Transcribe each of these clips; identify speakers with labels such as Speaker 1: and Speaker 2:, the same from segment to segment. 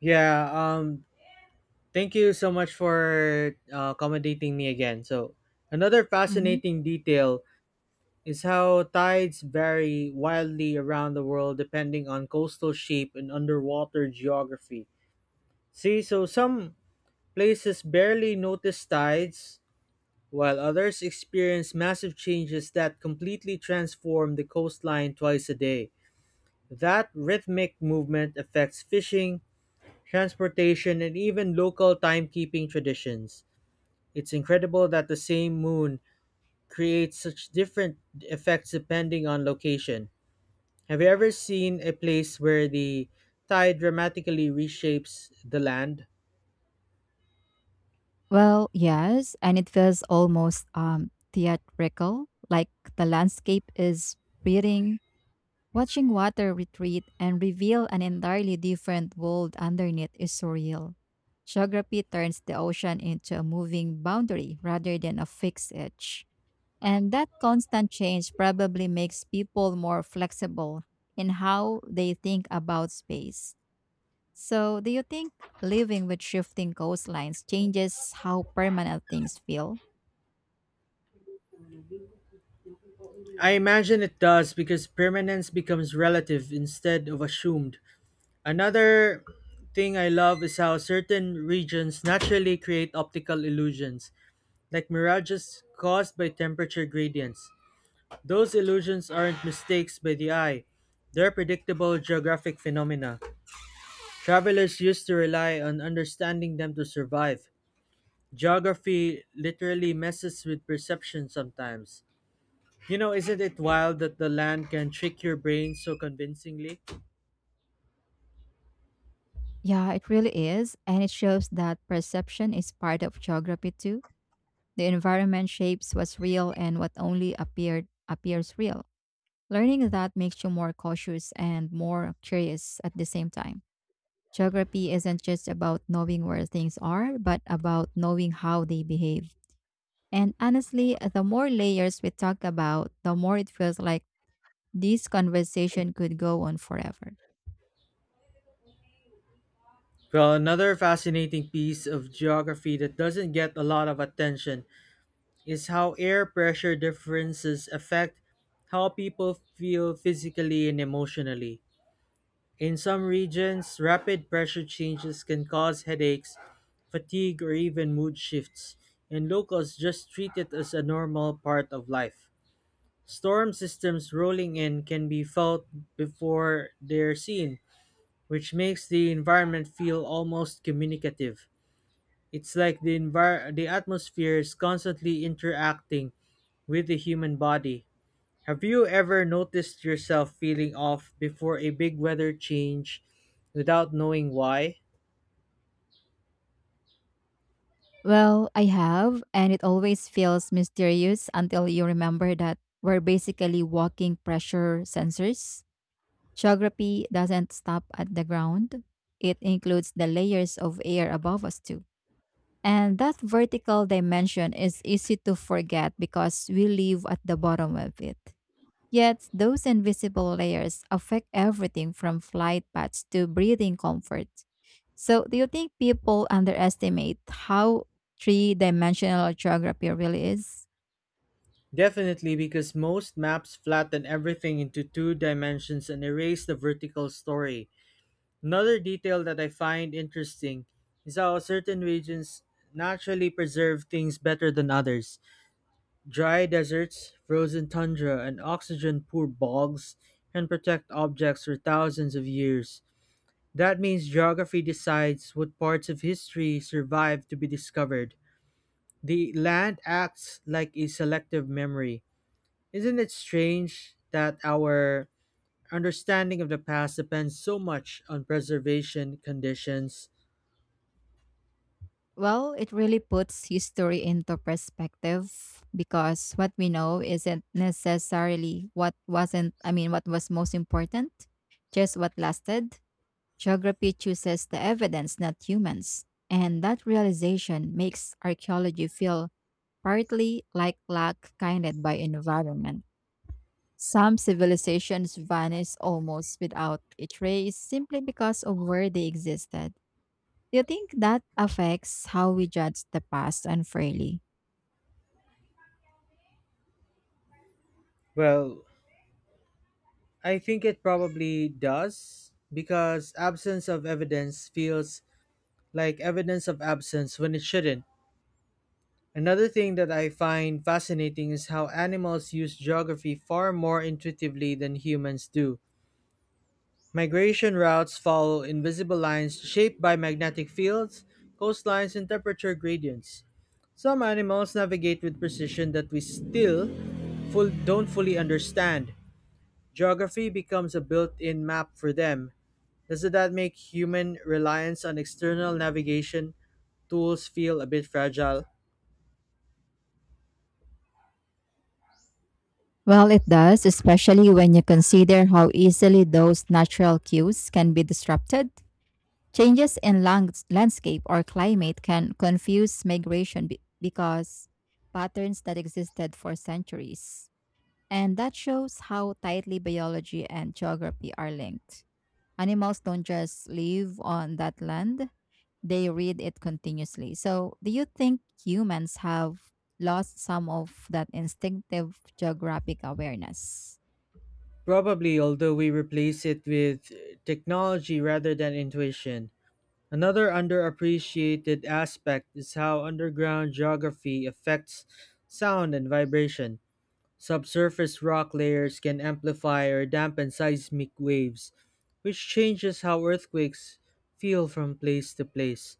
Speaker 1: Yeah, thank you so much for accommodating me again. Another
Speaker 2: hmm
Speaker 1: fascinating detail is how tides vary wildly around the world depending on coastal shape and underwater geography. So some places barely notice tides while others experience massive changes that completely transform the coastline twice a day. That rhythmic movement affects fishing, transportation and even local timekeeping traditions. It's incredible that the same moon creates such different effects depending on location. Have you ever seen a place where the tide dramatically reshapes the land?
Speaker 2: Well, yes, and it feels almost theatrical, like the landscape is breathing. Watching water retreat and reveal an entirely different world underneath is surreal. Geography turns the ocean into a moving boundary rather than a fixed edge. And that constant change probably makes people more flexible in how they think about space. So, do you think living with shifting coastlines changes how permanent things feel?
Speaker 1: I imagine it does because permanence becomes relative instead of assumed. Another thing I love is how certain regions naturally create optical illusions, like mirages caused by temperature gradients. Those illusions aren't mistakes by the eye, they're predictable geographic phenomena. Travelers used to rely on understanding them to survive. Geography literally messes with perception sometimes. You know, isn't it wild that the land can trick your brain so convincingly?
Speaker 2: Yeah, it really is. And it shows that perception is part of geography too. The environment shapes what's real and what only appeared appears real. Learning that makes you more cautious and more curious at the same time. Geography isn't just about knowing where things are, but about knowing how they behave. And honestly, the more layers we talk about, the more it feels like this conversation could go on forever.
Speaker 1: Well, another fascinating piece of geography that doesn't get a lot of attention is how air pressure differences affect how people feel physically and emotionally. In some regions, rapid pressure changes can cause headaches, fatigue, or even mood shifts, and locals just treat it as a normal part of life. Storm systems rolling in can be felt before they're seen, which makes the environment feel almost communicative. It's like the atmosphere is constantly interacting with the human body. Have you ever noticed yourself feeling off before a big weather change without knowing why?
Speaker 2: Well, I have, and it always feels mysterious until you remember that we're basically walking pressure sensors. Geography doesn't stop at the ground, it includes the layers of air above us, too. And that vertical dimension is easy to forget because we live at the bottom of it. Yet, those invisible layers affect everything from flight paths to breathing comfort. So, do you think people underestimate how three dimensional geography really is?
Speaker 1: Definitely, because most maps flatten everything into two dimensions and erase the vertical story. Another detail that I find interesting is how certain regions naturally preserve things better than others. Dry deserts, frozen tundra, and oxygen poor bogs can protect objects for thousands of years. That means geography decides what parts of history survive to be discovered. The land acts like a selective memory. Isn't it strange that our understanding of the past depends so much on preservation conditions?
Speaker 2: Well, it really puts history into perspective because what we know isn't necessarily what wasn't, I mean, what was most important, just what lasted. Geography chooses the evidence, not humans. And that realization makes archaeology feel partly like luck guided by environment. Some civilizations vanish almost without a trace simply because of where they existed. Do you think that affects how we judge the past unfairly?
Speaker 1: Well, I think it probably does because absence of evidence feels like evidence of absence when it shouldn't. Another thing that I find fascinating is how animals use geography far more intuitively than humans do. Migration routes follow invisible lines shaped by magnetic fields, coastlines, and temperature gradients. Some animals navigate with precision that we still don't fully understand. Geography becomes a built in map for them. Doesn't that make human reliance on external navigation tools feel a bit fragile?
Speaker 2: Well, it does, especially when you consider how easily those natural cues can be disrupted. Changes in landscape or climate can confuse migration because patterns that existed for centuries. And that shows how tightly biology and geography are linked. Animals don't just live on that land, they read it continuously. So, do you think humans have lost some of that instinctive geographic awareness?
Speaker 1: Probably, although we replace it with technology rather than intuition. Another underappreciated aspect is how underground geography affects sound and vibration. Subsurface rock layers can amplify or dampen seismic waves, which changes how earthquakes feel from place to place.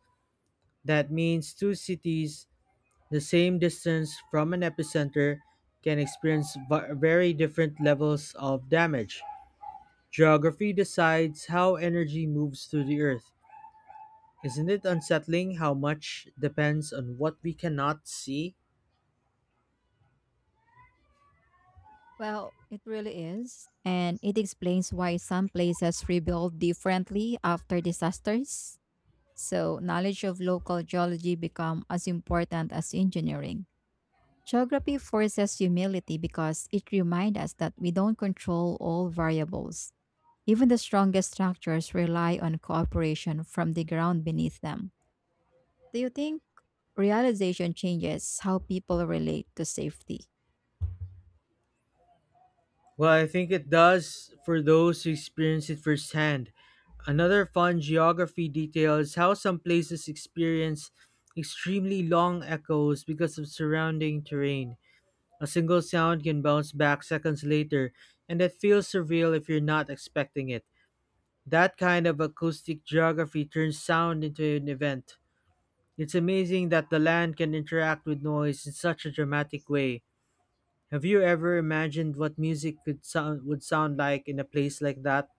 Speaker 1: That means two cities, the same distance from an epicenter, can experience very different levels of damage. Geography decides how energy moves through the earth. Isn't it unsettling how much depends on what we cannot see?
Speaker 2: Well, it really is. And it explains why some places rebuild differently after disasters. So, knowledge of local geology become as important as engineering. Geography forces humility because it reminds us that we don't control all variables. Even the strongest structures rely on cooperation from the ground beneath them. Do you think realization changes how people relate to safety?
Speaker 1: Well, I think it does for those who experience it firsthand. Another fun geography detail is how some places experience extremely long echoes because of surrounding terrain. A single sound can bounce back seconds later, and it feels surreal if you're not expecting it. That kind of acoustic geography turns sound into an event. It's amazing that the land can interact with noise in such a dramatic way. Have you ever imagined what music could sound would sound like in a place like that?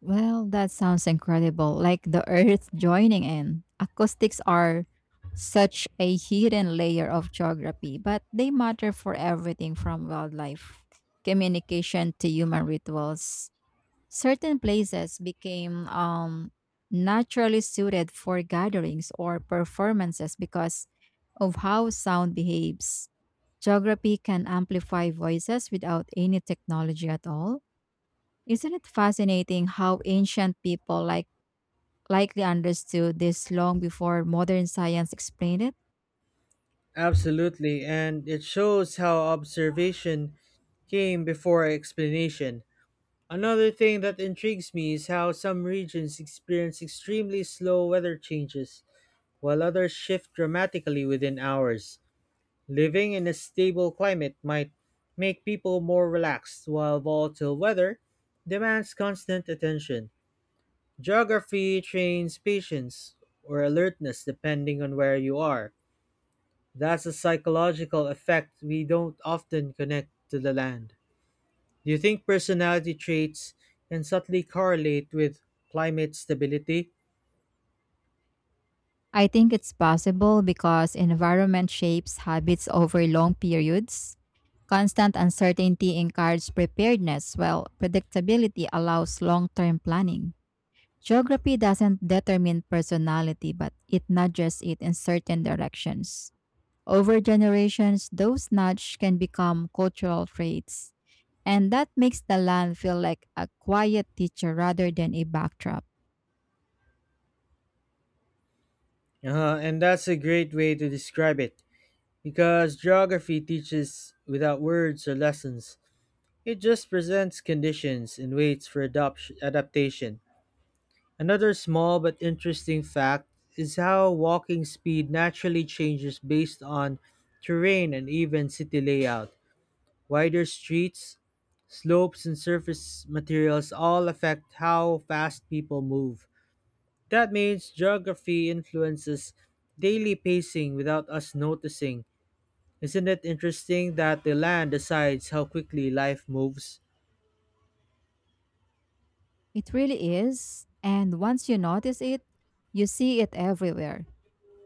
Speaker 2: Well, that sounds incredible. Like the earth joining in. Acoustics are such a hidden layer of geography, but they matter for everything from wildlife communication to human rituals. Certain places became naturally suited for gatherings or performances because of how sound behaves. Geography can amplify voices without any technology at all. Isn't it fascinating how ancient people likely understood this long before modern science explained it?
Speaker 1: Absolutely, and it shows how observation came before explanation. Another thing that intrigues me is how some regions experience extremely slow weather changes, while others shift dramatically within hours. Living in a stable climate might make people more relaxed, while volatile weather demands constant attention. Geography trains patience or alertness depending on where you are. That's a psychological effect we don't often connect to the land. Do you think personality traits can subtly correlate with climate stability?
Speaker 2: I think it's possible because environment shapes habits over long periods. Constant uncertainty encourages preparedness, while predictability allows long-term planning. Geography doesn't determine personality, but it nudges it in certain directions. Over generations, those nudges can become cultural traits, and that makes the land feel like a quiet teacher rather than a backdrop.
Speaker 1: And that's a great way to describe it because geography teaches without words or lessons. It just presents conditions and waits for adaptation. Another small but interesting fact is how walking speed naturally changes based on terrain and even city layout. Wider streets, slopes, and surface materials all affect how fast people move. That means geography influences daily pacing without us noticing. Isn't it interesting that the land decides how quickly life moves?
Speaker 2: It really is, and once you notice it, you see it everywhere.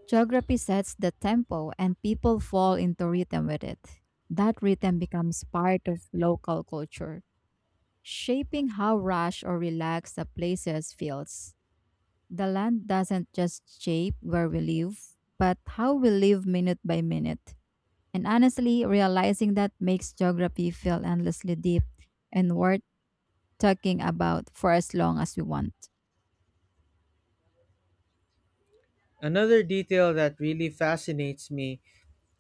Speaker 2: Geography sets the tempo and people fall into rhythm with it. That rhythm becomes part of local culture, shaping how rush or relaxed a place feels. The land doesn't just shape where we live, but how we live minute by minute. And honestly, realizing that makes geography feel endlessly deep and worth talking about for as long as we want.
Speaker 1: Another detail that really fascinates me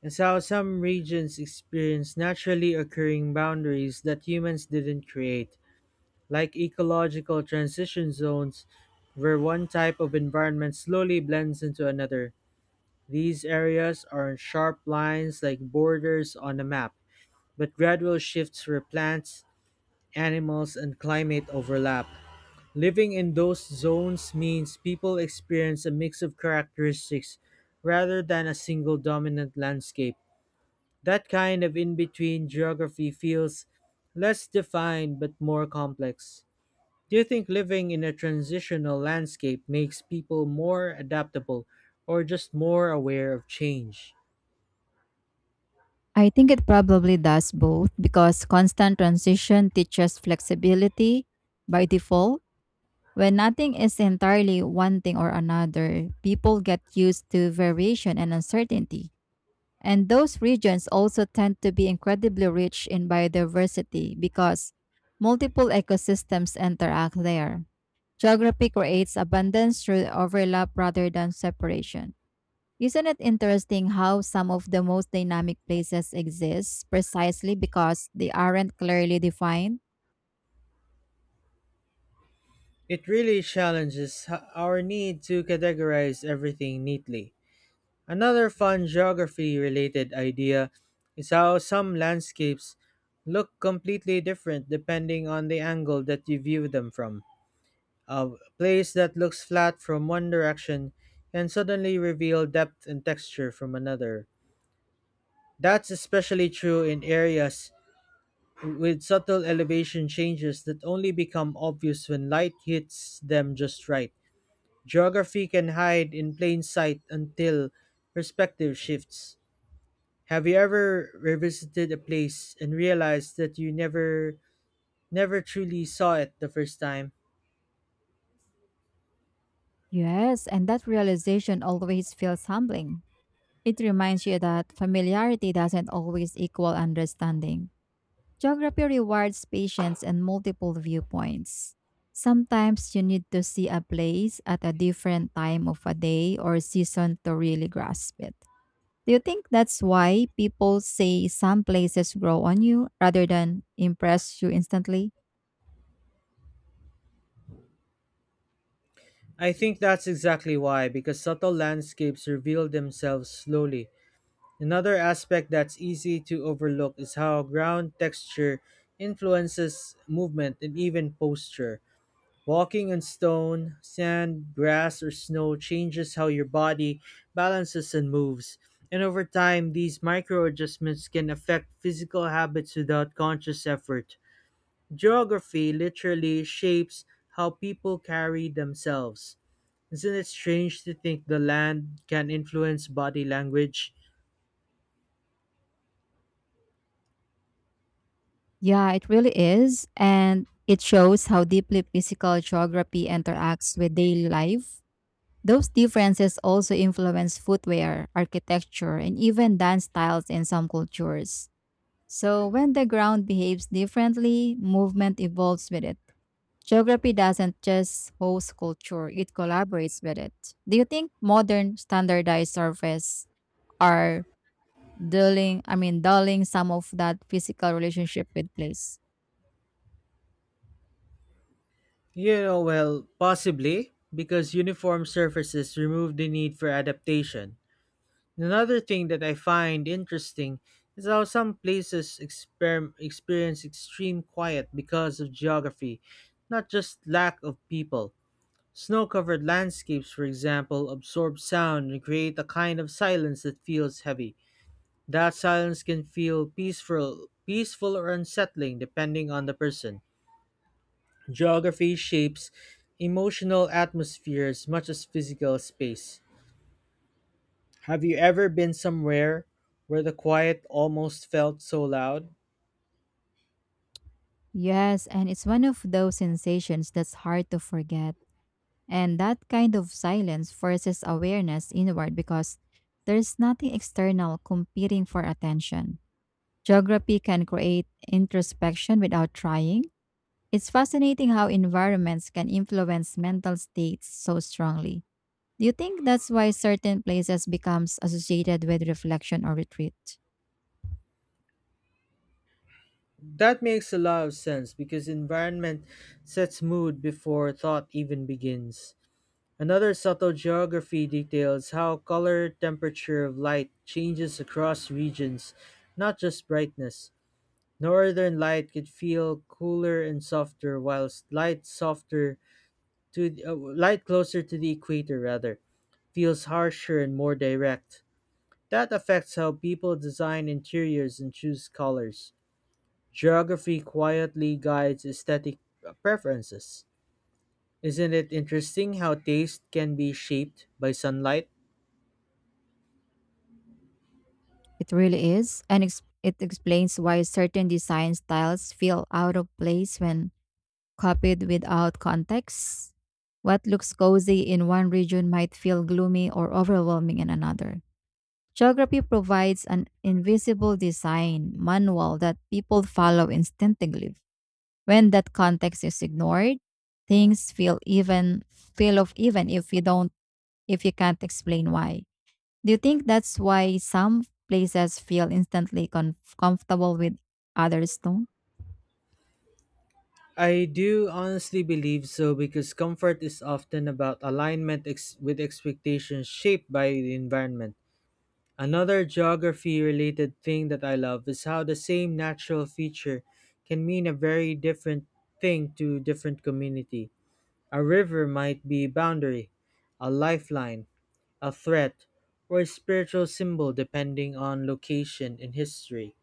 Speaker 1: is how some regions experience naturally occurring boundaries that humans didn't create, like ecological transition zones, where one type of environment slowly blends into another. These areas aren't sharp lines like borders on a map, but gradual shifts where plants, animals, and climate overlap. Living in those zones means people experience a mix of characteristics rather than a single dominant landscape. That kind of in between geography feels less defined but more complex. Do you think living in a transitional landscape makes people more adaptable or just more aware of change?
Speaker 2: I think it probably does both because constant transition teaches flexibility by default. When nothing is entirely one thing or another, people get used to variation and uncertainty. And those regions also tend to be incredibly rich in biodiversity because multiple ecosystems interact there. Geography creates abundance through overlap rather than separation. Isn't it interesting how some of the most dynamic places exist precisely because they aren't clearly defined?
Speaker 1: It really challenges our need to categorize everything neatly. Another fun geography related idea is how some landscapes look completely different depending on the angle that you view them from. A place that looks flat from one direction can suddenly reveal depth and texture from another. That's especially true in areas with subtle elevation changes that only become obvious when light hits them just right. Geography can hide in plain sight until perspective shifts. Have you ever revisited a place and realized that you never truly saw it the first time?
Speaker 2: Yes, and that realization always feels humbling. It reminds you that familiarity doesn't always equal understanding. Geography rewards patience and multiple viewpoints. Sometimes you need to see a place at a different time of a day or season to really grasp it. Do you think that's why people say some places grow on you rather than impress you instantly?
Speaker 1: I think that's exactly why, because subtle landscapes reveal themselves slowly. Another aspect that's easy to overlook is how ground texture influences movement and even posture. Walking on stone, sand, grass, or snow changes how your body balances and moves. And over time, these micro adjustments can affect physical habits without conscious effort. Geography literally shapes how people carry themselves. Isn't it strange to think the land can influence body language?
Speaker 2: Yeah, it really is. And it shows how deeply physical geography interacts with daily life. Those differences also influence footwear, architecture, and even dance styles in some cultures. So when the ground behaves differently, movement evolves with it. Geography doesn't just host culture, it collaborates with it. Do you think modern standardized surveys are dulling some of that physical relationship with place?
Speaker 1: You know, well, possibly, because uniform surfaces remove the need for adaptation. Another thing that I find interesting is how some places experience extreme quiet because of geography, not just lack of people. Snow covered landscapes, for example, absorb sound and create a kind of silence that feels heavy. That silence can feel peaceful or unsettling depending on the person. Geography shapes emotional atmosphere as much as physical space. Have you ever been somewhere where the quiet almost felt so loud?
Speaker 2: Yes, and it's one of those sensations that's hard to forget. And that kind of silence forces awareness inward because there's nothing external competing for attention. Geography can create introspection without trying. It's fascinating how environments can influence mental states so strongly. Do you think that's why certain places becomes associated with reflection or retreat?
Speaker 1: That makes a lot of sense because environment sets mood before thought even begins. Another subtle geography details how color temperature of light changes across regions, not just brightness. Northern light could feel cooler and softer, whilst light closer to the equator rather feels harsher and more direct. That affects how people design interiors and choose colors. Geography quietly guides aesthetic preferences. Isn't it interesting how taste can be shaped by sunlight?
Speaker 2: It really is, and it explains why certain design styles feel out of place when copied without context. What looks cozy in one region might feel gloomy or overwhelming in another. Geography provides an invisible design manual that people follow instinctively. When that context is ignored, things feel of even if you don't if you can't explain why. Do you think that's why some places feel instantly comfortable with others don't?
Speaker 1: I do honestly believe so, because comfort is often about alignment with expectations shaped by the environment. Another geography related thing that I love is how the same natural feature can mean a very different thing to different community. A river might be a boundary, a lifeline, a threat, or a spiritual symbol depending on location in history.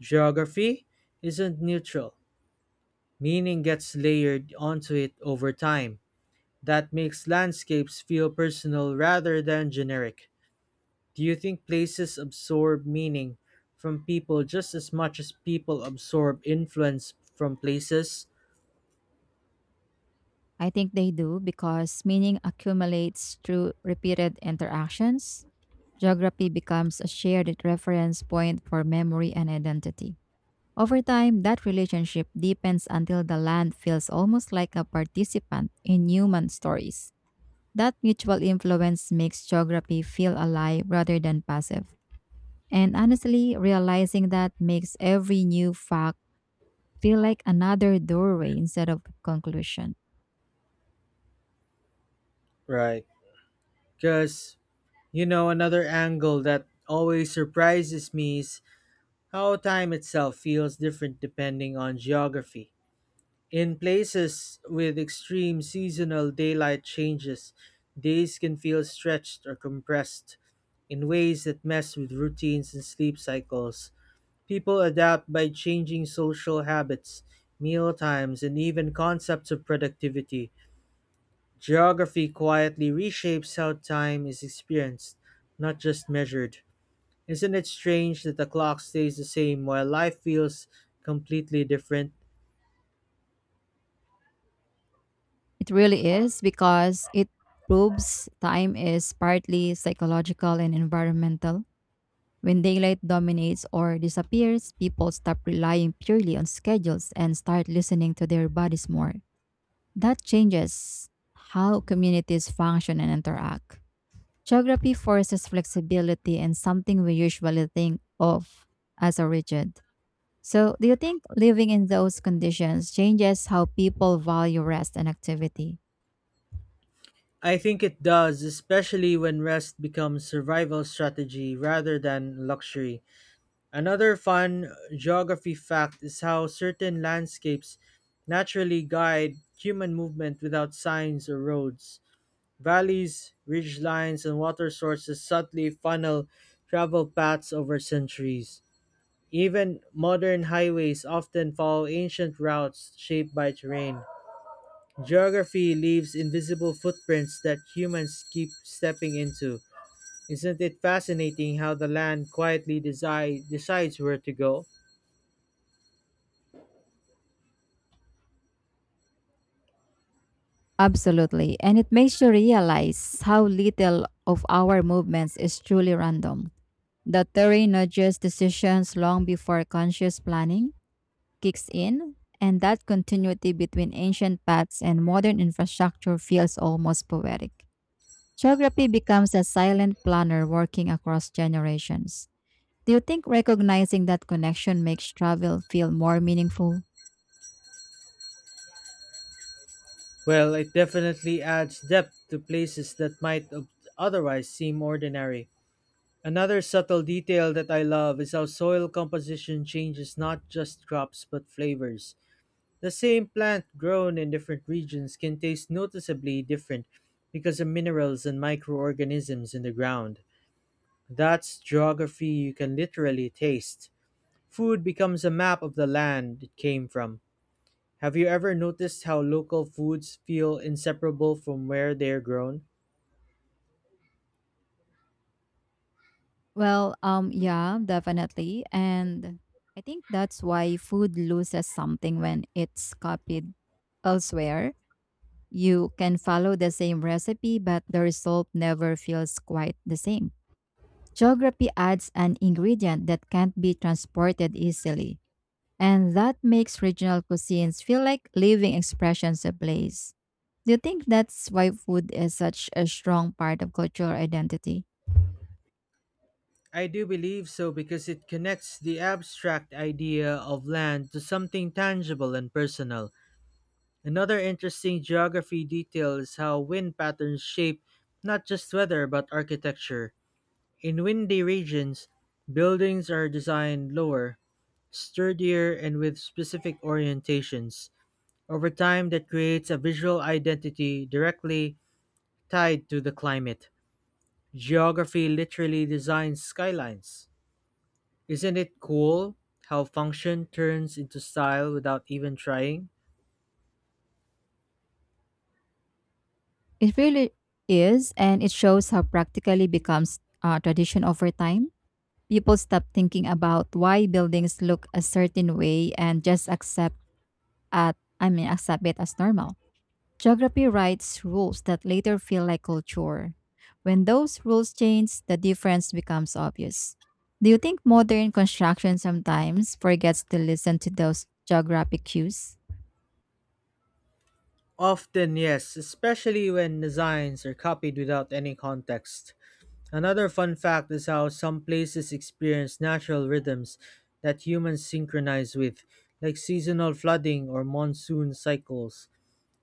Speaker 1: Geography isn't neutral, meaning gets layered onto it over time. That makes landscapes feel personal rather than generic. Do you think places absorb meaning from people just as much as people absorb influence from places?
Speaker 2: I think they do because meaning accumulates through repeated interactions. Geography becomes a shared reference point for memory and identity. Over time, that relationship deepens until the land feels almost like a participant in human stories. That mutual influence makes geography feel alive rather than passive. And honestly, realizing that makes every new fact feel like another doorway instead of conclusion.
Speaker 1: Right. Because, you know, another angle that always surprises me is how time itself feels different depending on geography. In places with extreme seasonal daylight changes, days can feel stretched or compressed in ways that mess with routines and sleep cycles. People adapt by changing social habits, meal times, and even concepts of productivity. Geography quietly reshapes how time is experienced, not just measured. Isn't it strange that the clock stays the same while life feels completely different?
Speaker 2: It really is because it proves time is partly psychological and environmental. When daylight dominates or disappears, people stop relying purely on schedules and start listening to their bodies more. That changes how communities function and interact. Geography forces flexibility and something we usually think of as a rigid. So, do you think living in those conditions changes how people value rest and activity?
Speaker 1: I think it does, especially when rest becomes survival strategy rather than luxury. Another fun geography fact is how certain landscapes naturally guide human movement without signs or roads. Valleys, ridgelines, and water sources subtly funnel travel paths over centuries. Even modern highways often follow ancient routes shaped by terrain. Geography leaves invisible footprints that humans keep stepping into. Isn't it fascinating how the land quietly decides where to go?
Speaker 2: Absolutely. And it makes you realize how little of our movements is truly random. The theory nudges decisions long before conscious planning kicks in, and that continuity between ancient paths and modern infrastructure feels almost poetic. Geography becomes a silent planner working across generations. Do you think recognizing that connection makes travel feel more meaningful?
Speaker 1: Well, it definitely adds depth to places that might otherwise seem ordinary. Another subtle detail that I love is how soil composition changes not just crops but flavors. The same plant grown in different regions can taste noticeably different because of minerals and microorganisms in the ground. That's geography you can literally taste. Food becomes a map of the land it came from. Have you ever noticed how local foods feel inseparable from where they're grown?
Speaker 2: Well, yeah, definitely. And I think that's why food loses something when it's copied elsewhere. You can follow the same recipe, but the result never feels quite the same. Geography adds an ingredient that can't be transported easily, and that makes regional cuisines feel like living expressions of place. Do you think that's why food is such a strong part of cultural identity?
Speaker 1: I do believe so because it connects the abstract idea of land to something tangible and personal. Another interesting geography detail is how wind patterns shape not just weather but architecture. In windy regions, buildings are designed lower, sturdier, and with specific orientations. Over time, that creates a visual identity directly tied to the climate. Geography literally designs skylines. Isn't it cool how function turns into style without even trying?
Speaker 2: It really is, and it shows how practically becomes tradition over time. People stop thinking about why buildings look a certain way and just accept at I mean accept it as normal. Geography writes rules that later feel like culture. When those rules change, the difference becomes obvious. Do you think modern construction sometimes forgets to listen to those geographic cues?
Speaker 1: Often, yes, especially when designs are copied without any context. Another fun fact is how some places experience natural rhythms that humans synchronize with, like seasonal flooding or monsoon cycles.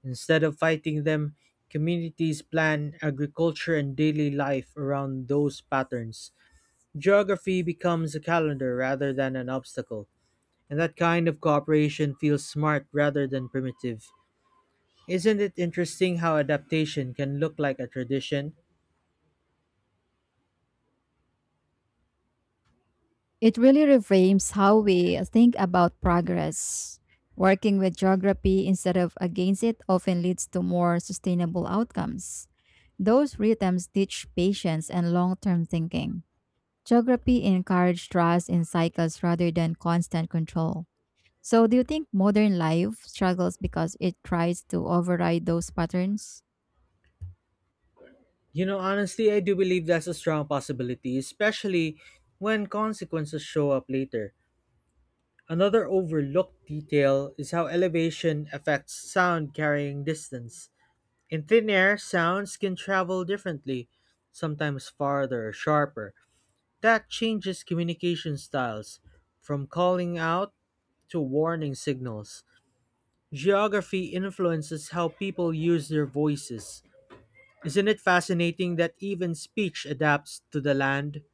Speaker 1: Instead of fighting them, communities plan agriculture and daily life around those patterns. Geography becomes a calendar rather than an obstacle, and that kind of cooperation feels smart rather than primitive. Isn't it interesting how adaptation can look like a tradition?
Speaker 2: It really reframes how we think about progress. Working with geography instead of against it often leads to more sustainable outcomes. Those rhythms teach patience and long term thinking. Geography encouraged trust in cycles rather than constant control. So, do you think modern life struggles because it tries to override those patterns?
Speaker 1: You know, honestly, I do believe that's a strong possibility, especially when consequences show up later. Another overlooked detail is how elevation affects sound carrying distance. In thin air, sounds can travel differently, sometimes farther or sharper. That changes communication styles, from calling out to warning signals. Geography influences how people use their voices. Isn't it fascinating that even speech adapts to the land?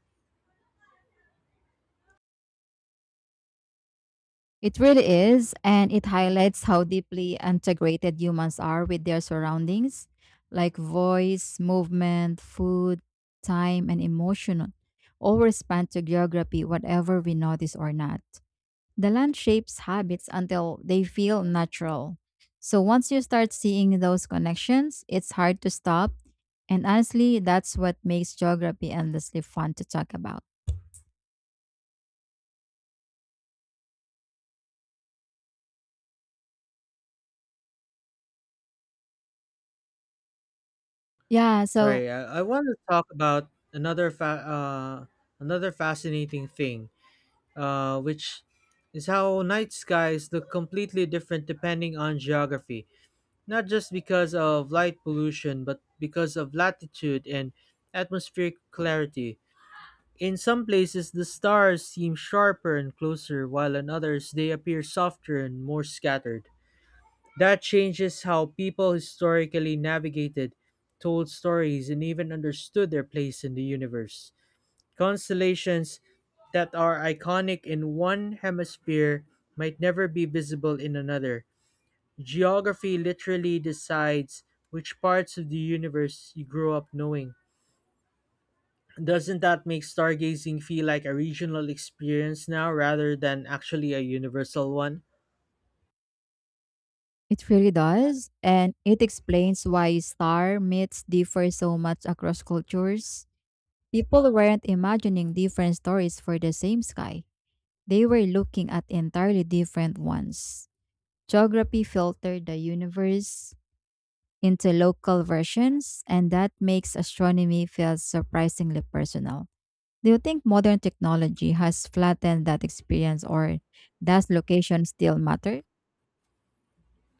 Speaker 2: It really is, and it highlights how deeply integrated humans are with their surroundings, like voice, movement, food, time, and emotion, all respond to geography, whatever we notice or not. The land shapes habits until they feel natural. So once you start seeing those connections, it's hard to stop. And honestly, that's what makes geography endlessly fun to talk about. Yeah, so
Speaker 1: Sorry, I want to talk about another fascinating thing, which is how night skies look completely different depending on geography. Not just because of light pollution, but because of latitude and atmospheric clarity. In some places the stars seem sharper and closer, while in others they appear softer and more scattered. That changes how people historically navigated, told stories, and even understood their place in the universe. Constellations that are iconic in one hemisphere might never be visible in another. Geography literally decides which parts of the universe you grow up knowing. Doesn't that make stargazing feel like a regional experience now rather than actually a universal one?
Speaker 2: it really does. And it explains why star myths differ so much across cultures. People weren't imagining different stories for the same sky, they were looking at entirely different ones. Geography filtered the universe into local versions, and that makes astronomy feel surprisingly personal. Do you think modern technology has flattened that experience, or does location still matter?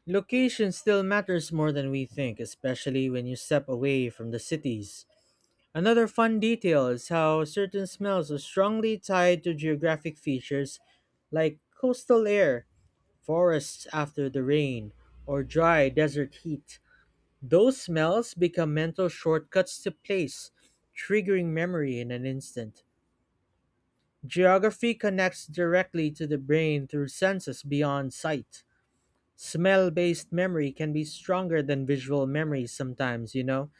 Speaker 1: Location still matters more than we think, especially when you step away from the cities. Another fun detail is how certain smells are strongly tied to geographic features like coastal air, forests after the rain, or dry desert heat. Those smells become mental shortcuts to place, triggering memory in an instant. Geography connects directly to the brain through senses beyond sight. Smell based memory can be stronger than visual memory sometimes, you know.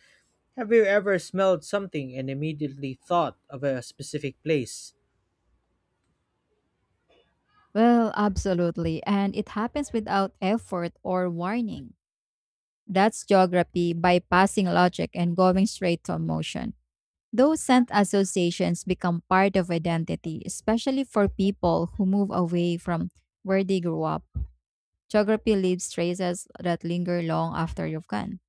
Speaker 1: Have you ever smelled something and immediately thought of a specific place?
Speaker 2: Well, absolutely, and it happens without effort or warning. That's geography bypassing logic and going straight to emotion. Those scent associations become part of identity, especially for people who move away from where they grew up. Geography leaves traces that linger long after you've gone.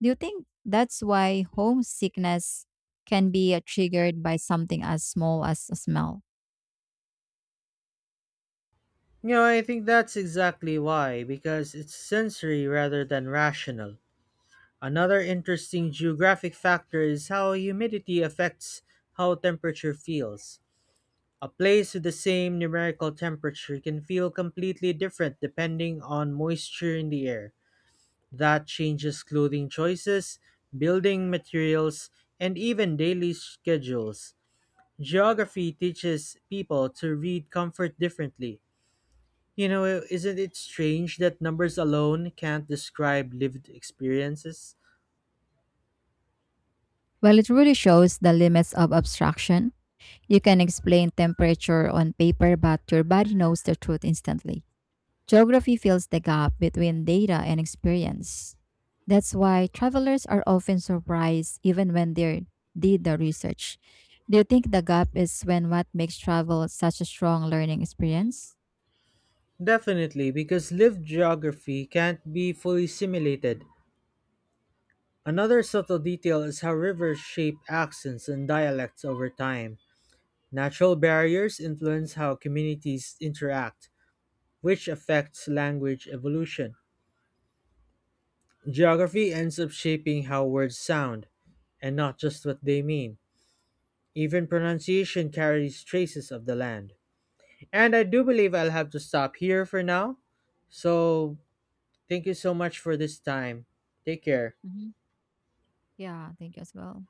Speaker 2: Do you think that's why homesickness can be triggered by something as small as a smell?
Speaker 1: You know, I think that's exactly why, because it's sensory rather than rational. Another interesting geographic factor is how humidity affects how temperature feels. A place with the same numerical temperature can feel completely different depending on moisture in the air. That changes clothing choices, building materials, and even daily schedules. Geography teaches people to read comfort differently. You know, isn't it strange that numbers alone can't describe lived experiences?
Speaker 2: Well, it really shows the limits of abstraction. You can explain temperature on paper, but your body knows the truth instantly. Geography fills the gap between data and experience. That's why travelers are often surprised even when they did the research. Do you think the gap is when what makes travel such a strong learning experience?
Speaker 1: Definitely, because lived geography can't be fully simulated. Another subtle detail is how rivers shape accents and dialects over time. Natural barriers influence how communities interact, which affects language evolution. Geography ends up shaping how words sound, and not just what they mean. Even pronunciation carries traces of the land. And I do believe I'll have to stop here for now. So, thank you so much for this time. Take care.
Speaker 2: Hmm. Yeah, I think as well.